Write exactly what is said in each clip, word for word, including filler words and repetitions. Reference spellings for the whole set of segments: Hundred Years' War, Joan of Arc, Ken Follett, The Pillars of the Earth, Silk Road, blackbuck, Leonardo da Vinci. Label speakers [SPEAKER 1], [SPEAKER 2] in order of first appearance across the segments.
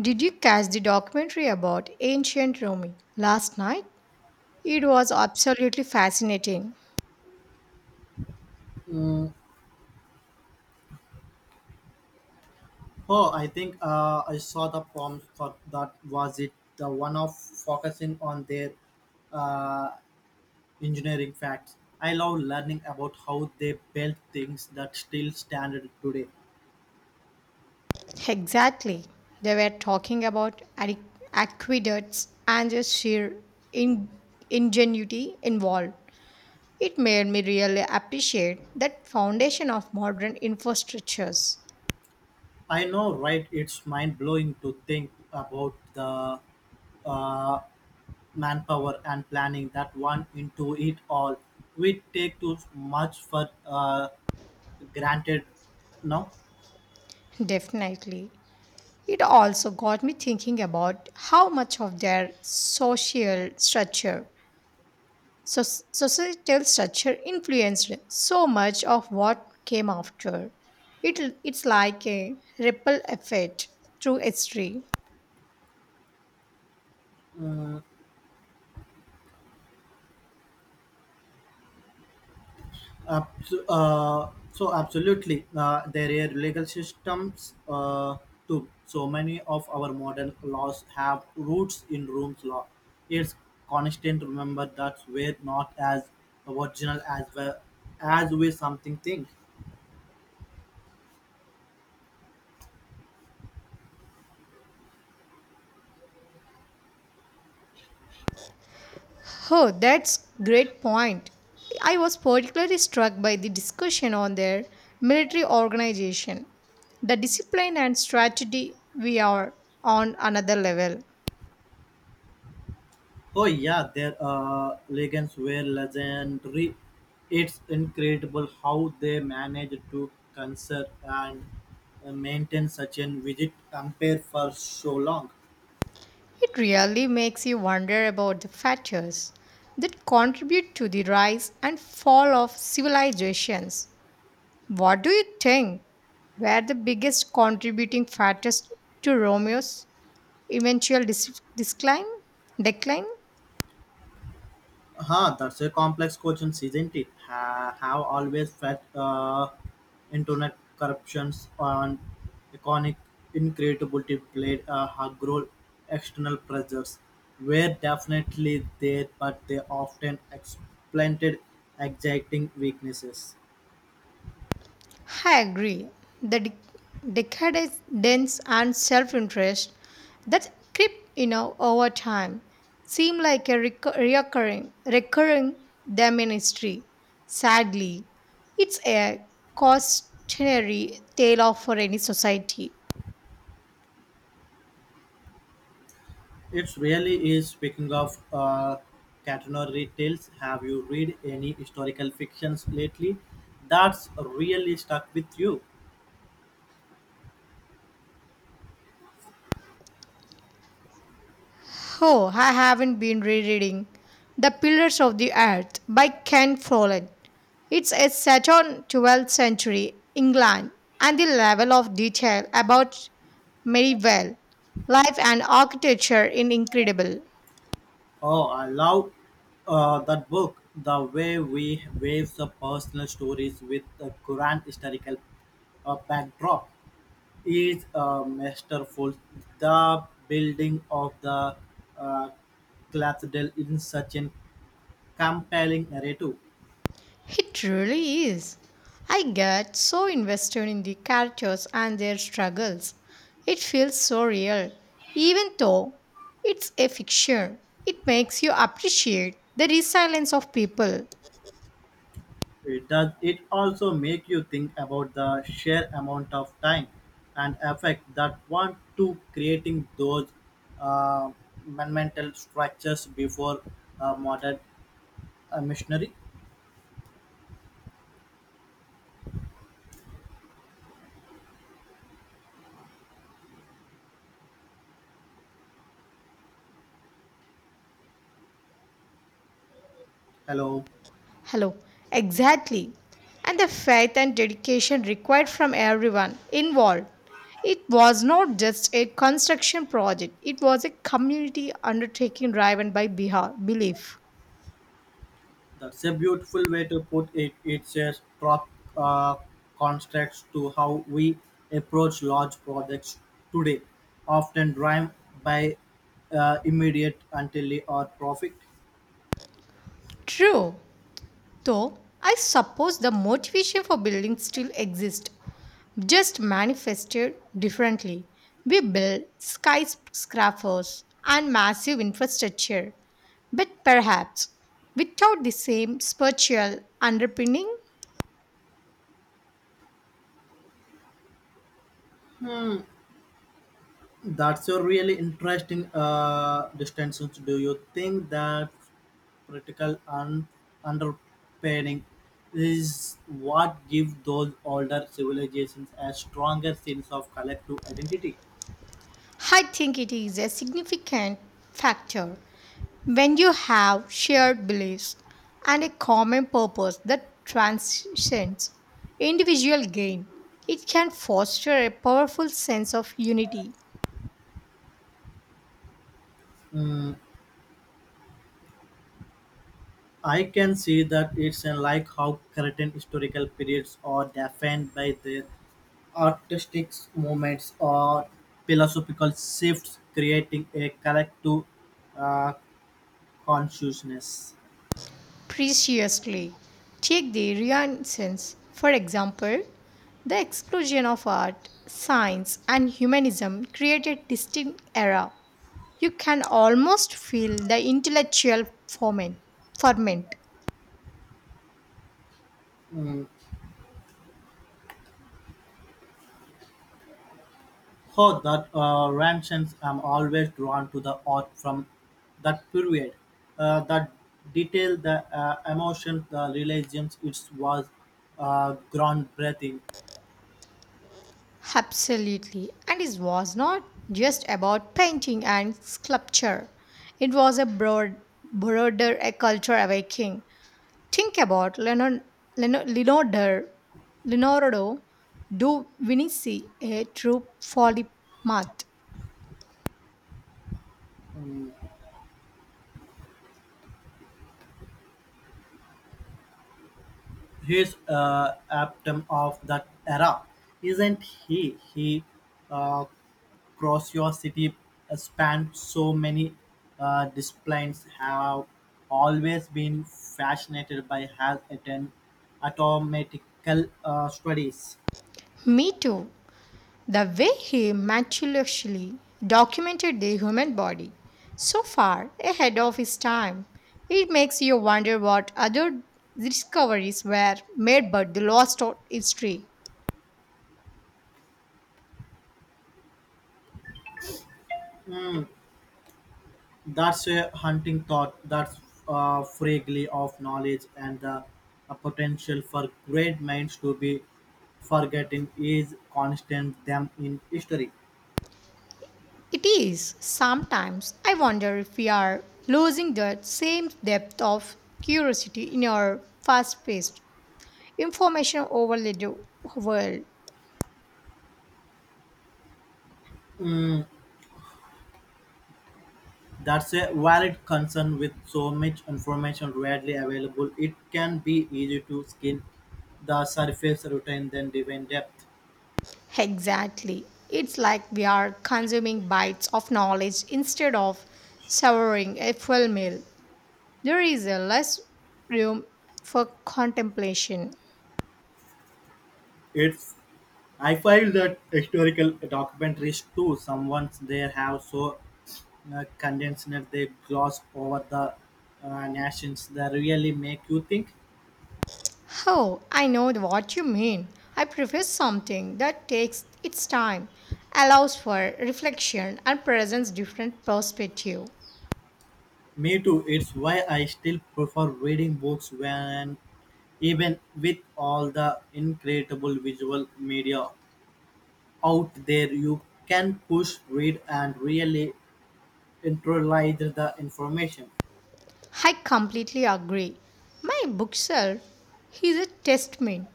[SPEAKER 1] Did you catch the documentary about ancient Rome last night? It was absolutely fascinating.
[SPEAKER 2] Mm, oh, I think uh, I saw the prompt for that. Was it the one of focusing on their uh, engineering facts? I love learning about how they built things that still stand today.
[SPEAKER 1] Exactly. They were talking about aque- aqueducts and the sheer in- ingenuity involved. It made me really appreciate that foundation of modern infrastructures.
[SPEAKER 2] I know, right? It's mind blowing to think about the uh, manpower and planning that went into it all. We take too much for uh, granted now.
[SPEAKER 1] Definitely. It also got me thinking about how much of their social structure. So, societal structure influenced so much of what came after. It, it's like a ripple effect through history.
[SPEAKER 2] Mm, Abso- uh, so absolutely, uh, there are legal systems uh, too. So many of our modern laws have roots in Rome's law. It's constant. To remember that we're not as original as we as we something think.
[SPEAKER 1] Oh, that's great point. I was particularly struck by the discussion on their military organization. The discipline and strategy we are on another level.
[SPEAKER 2] Oh yeah, their uh, legends were legendary. It's incredible how they managed to conserve and uh, maintain such an vivid empire for so long.
[SPEAKER 1] It really makes you wonder about the factors that contribute to the rise and fall of civilizations. What do you think were the biggest contributing factors to Romeo's eventual dis- decline? Decline?
[SPEAKER 2] Huh, that's a complex question, isn't it? Ha, have always felt uh, internet corruptions on economic incredibility played a hug role. External pressures were definitely there, but they often exploited exacting weaknesses.
[SPEAKER 1] I agree. The de- decadence and self-interest that creep, you know, over time seem like a recur- recurring, recurring them in history. Sadly, it's a cautionary tale of for any society.
[SPEAKER 2] It really is. Speaking of uh, catenary tales, have you read any historical fictions lately that's really stuck with you?
[SPEAKER 1] Oh, I haven't been rereading The Pillars of the Earth by Ken Follett. It's a set on twelfth century England and the level of detail about medieval life and architecture is incredible.
[SPEAKER 2] Oh, I love uh, that book. The way we weave the personal stories with the grand historical uh, backdrop is uh, masterful. The building of the uh, cathedral in such a compelling narrative.
[SPEAKER 1] It really is. I get so invested in the characters and their struggles. It feels so real. Even though it's a fiction, it makes you appreciate the resilience of people.
[SPEAKER 2] It does. It also make you think about the sheer amount of time and effort that went to creating those uh, monumental structures before uh, modern a missionary. Hello,
[SPEAKER 1] Hello. Exactly. And the faith and dedication required from everyone involved. It was not just a construction project, it was a community undertaking driven by beha- belief.
[SPEAKER 2] that's a beautiful way to put it. It's a strong uh, contrast to how we approach large projects today, often driven by uh, immediate until they are profit.
[SPEAKER 1] True, though I suppose the motivation for building still exists, just manifested differently. We build skyscrapers and massive infrastructure, but perhaps without the same spiritual underpinning.
[SPEAKER 2] That's a really interesting uh, distinction. Do you think that critical and underpinning is what gives those older civilizations a stronger sense of collective identity?
[SPEAKER 1] I think it is a significant factor when you have shared beliefs and a common purpose that transcends individual gain. It can foster a powerful sense of unity.
[SPEAKER 2] I can see that it's uh, like how certain historical periods are defined by their artistic movements or philosophical shifts, creating a collective uh, consciousness.
[SPEAKER 1] Preciously, take the Renaissance, for example. The explosion of art, science, and humanism created distinct era. You can almost feel the intellectual ferment. ferment
[SPEAKER 2] For that uh, reasons, I'm always drawn to the art from that period. Uh, that detail, the uh, emotion, the realism, it was uh, groundbreaking.
[SPEAKER 1] Absolutely. And it was not just about painting and sculpture. It was a broad, broader a culture awakening. Think about Leonardo, Leonardo, Leonardo do Vinci, a true polymath.
[SPEAKER 2] He's uh, epitome of that era, isn't he? He uh, curiosity spanned so many uh, disciplines. Have always been fascinated by has attend automatical uh, studies.
[SPEAKER 1] Me too. The way he meticulously documented the human body, so far ahead of his time, it makes you wonder what other discoveries were made but the lost of history.
[SPEAKER 2] That's a hunting thought. That's uh, fragile of knowledge and the uh, potential for great minds to be forgotten is constant them in history.
[SPEAKER 1] It is sometimes I wonder if we are losing that same depth of curiosity in our fast paced, information overloaded world.
[SPEAKER 2] That's a valid concern with so much information readily available. It can be easy to skin the surface routine than dive in depth.
[SPEAKER 1] Exactly. It's like we are consuming bites of knowledge instead of severing a full meal. There is a less room for contemplation.
[SPEAKER 2] It's I find that historical documentaries too, someone's they have so uh, condensed that they gloss over the uh, nations that really make you think.
[SPEAKER 1] Oh, I know what you mean. I prefer something that takes its time, allows for reflection and presents different perspective.
[SPEAKER 2] Me too. It's why I still prefer reading books when even with all the incredible visual media out there you can push, read and really internalize the information.
[SPEAKER 1] I completely agree. My bookshelf is a testament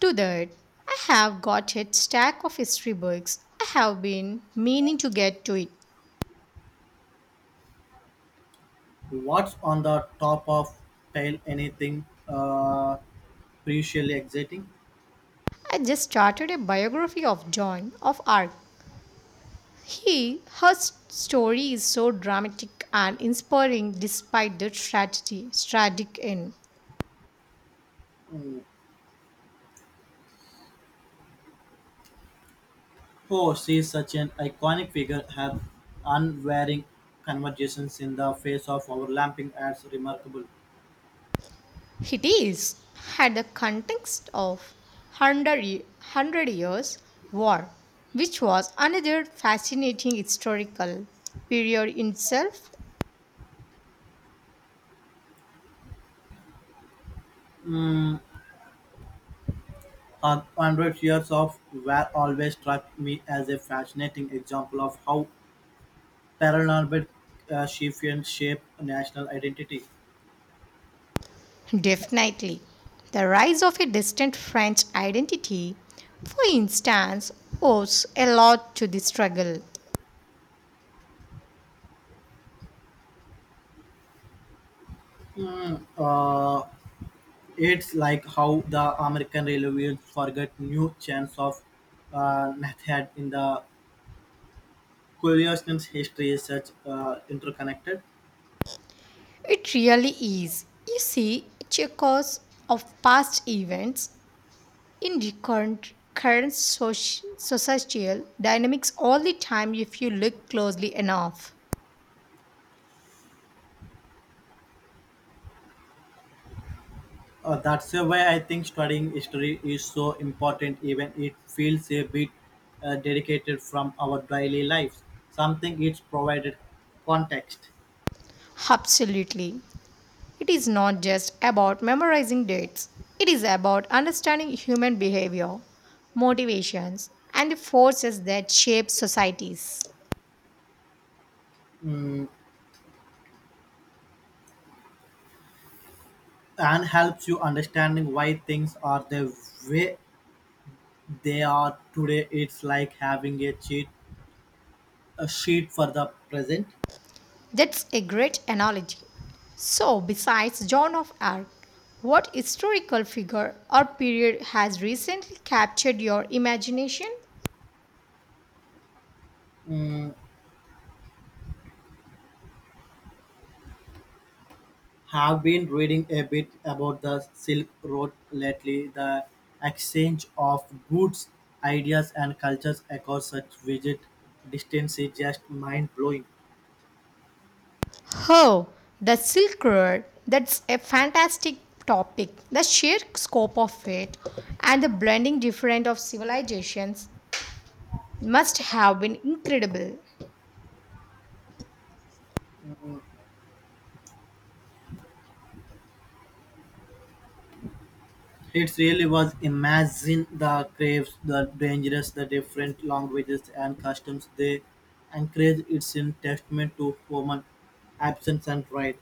[SPEAKER 1] to that. I have got a stack of history books. I have been meaning to get to it.
[SPEAKER 2] What's on the top of pile anything uh crucially exciting?
[SPEAKER 1] I just started a biography of Joan of Arc. He, her story is so dramatic and inspiring despite the tragedy, tragic end.
[SPEAKER 2] Mm. Oh, she's such an iconic figure have unwearing conversations in the face of overlapping ads remarkable.
[SPEAKER 1] It is had the context of Hundred Ye- Hundred Years' War, which was another fascinating historical period in itself.
[SPEAKER 2] Mm, her one hundred years of war always struck me as a fascinating example of how paranoid uh, she can shape national identity.
[SPEAKER 1] Definitely, the rise of a distant French identity, for instance, owes a lot to this struggle.
[SPEAKER 2] Uh, it's like how the American railways forget new chance of uh, method in the Curiosity's history is such uh, interconnected.
[SPEAKER 1] It really is. You see, it's a cause of past events in the current current soci- societal dynamics all the time if you look closely enough.
[SPEAKER 2] Uh, that's why I think studying history is so important, even it feels a bit uh, dedicated from our daily lives. Something it's provided context
[SPEAKER 1] Absolutely, it is not just about memorizing dates, it is about understanding human behavior, motivations, and the forces that shape societies.
[SPEAKER 2] mm, and helps you understanding why things are the way they are today. It's like having a cheat a sheet for the present.
[SPEAKER 1] That's a great analogy. So, besides Joan of Arc, what historical figure or period has recently captured your imagination?
[SPEAKER 2] Mm, have been reading a bit about the Silk Road lately, the exchange of goods, ideas, and cultures across such vast distance is just mind blowing.
[SPEAKER 1] Oh, the Silk Road. That's a fantastic topic. The sheer scope of it and the blending different of civilizations must have been incredible.
[SPEAKER 2] It really was imagine the craves, the dangers, the different languages and customs they encourage. It's in testament to human absence and right.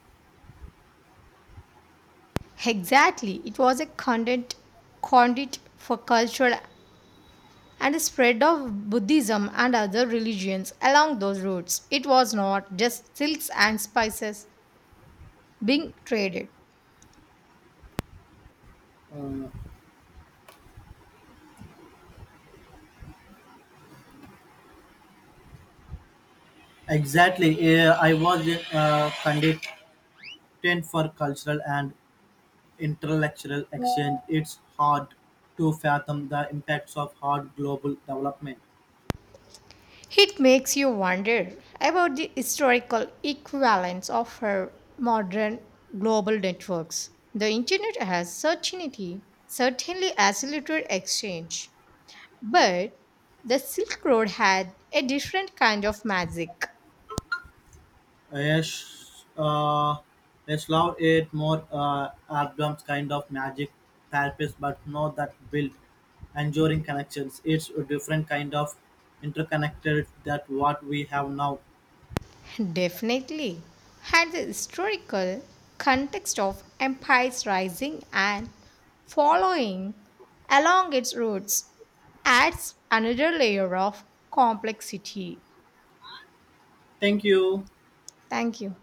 [SPEAKER 1] Exactly. It was a content conduit for cultural and the spread of Buddhism and other religions along those routes. It was not just silks and spices being traded.
[SPEAKER 2] Uh, exactly. Uh, I was uh, content for cultural and Intellectual exchange, it's hard to fathom the impacts of hard global development.
[SPEAKER 1] It makes you wonder about the historical equivalence of our modern global networks. The internet has certainty, certainly accelerated exchange, but the Silk Road had a different kind of magic.
[SPEAKER 2] Yes, uh, yes, love it more uh, albums kind of magic therapist, but not that build enduring connections. It's a different kind of interconnected that what we have now.
[SPEAKER 1] Definitely had the historical context of empires rising and following along its roots adds another layer of complexity.
[SPEAKER 2] Thank you.
[SPEAKER 1] Thank you.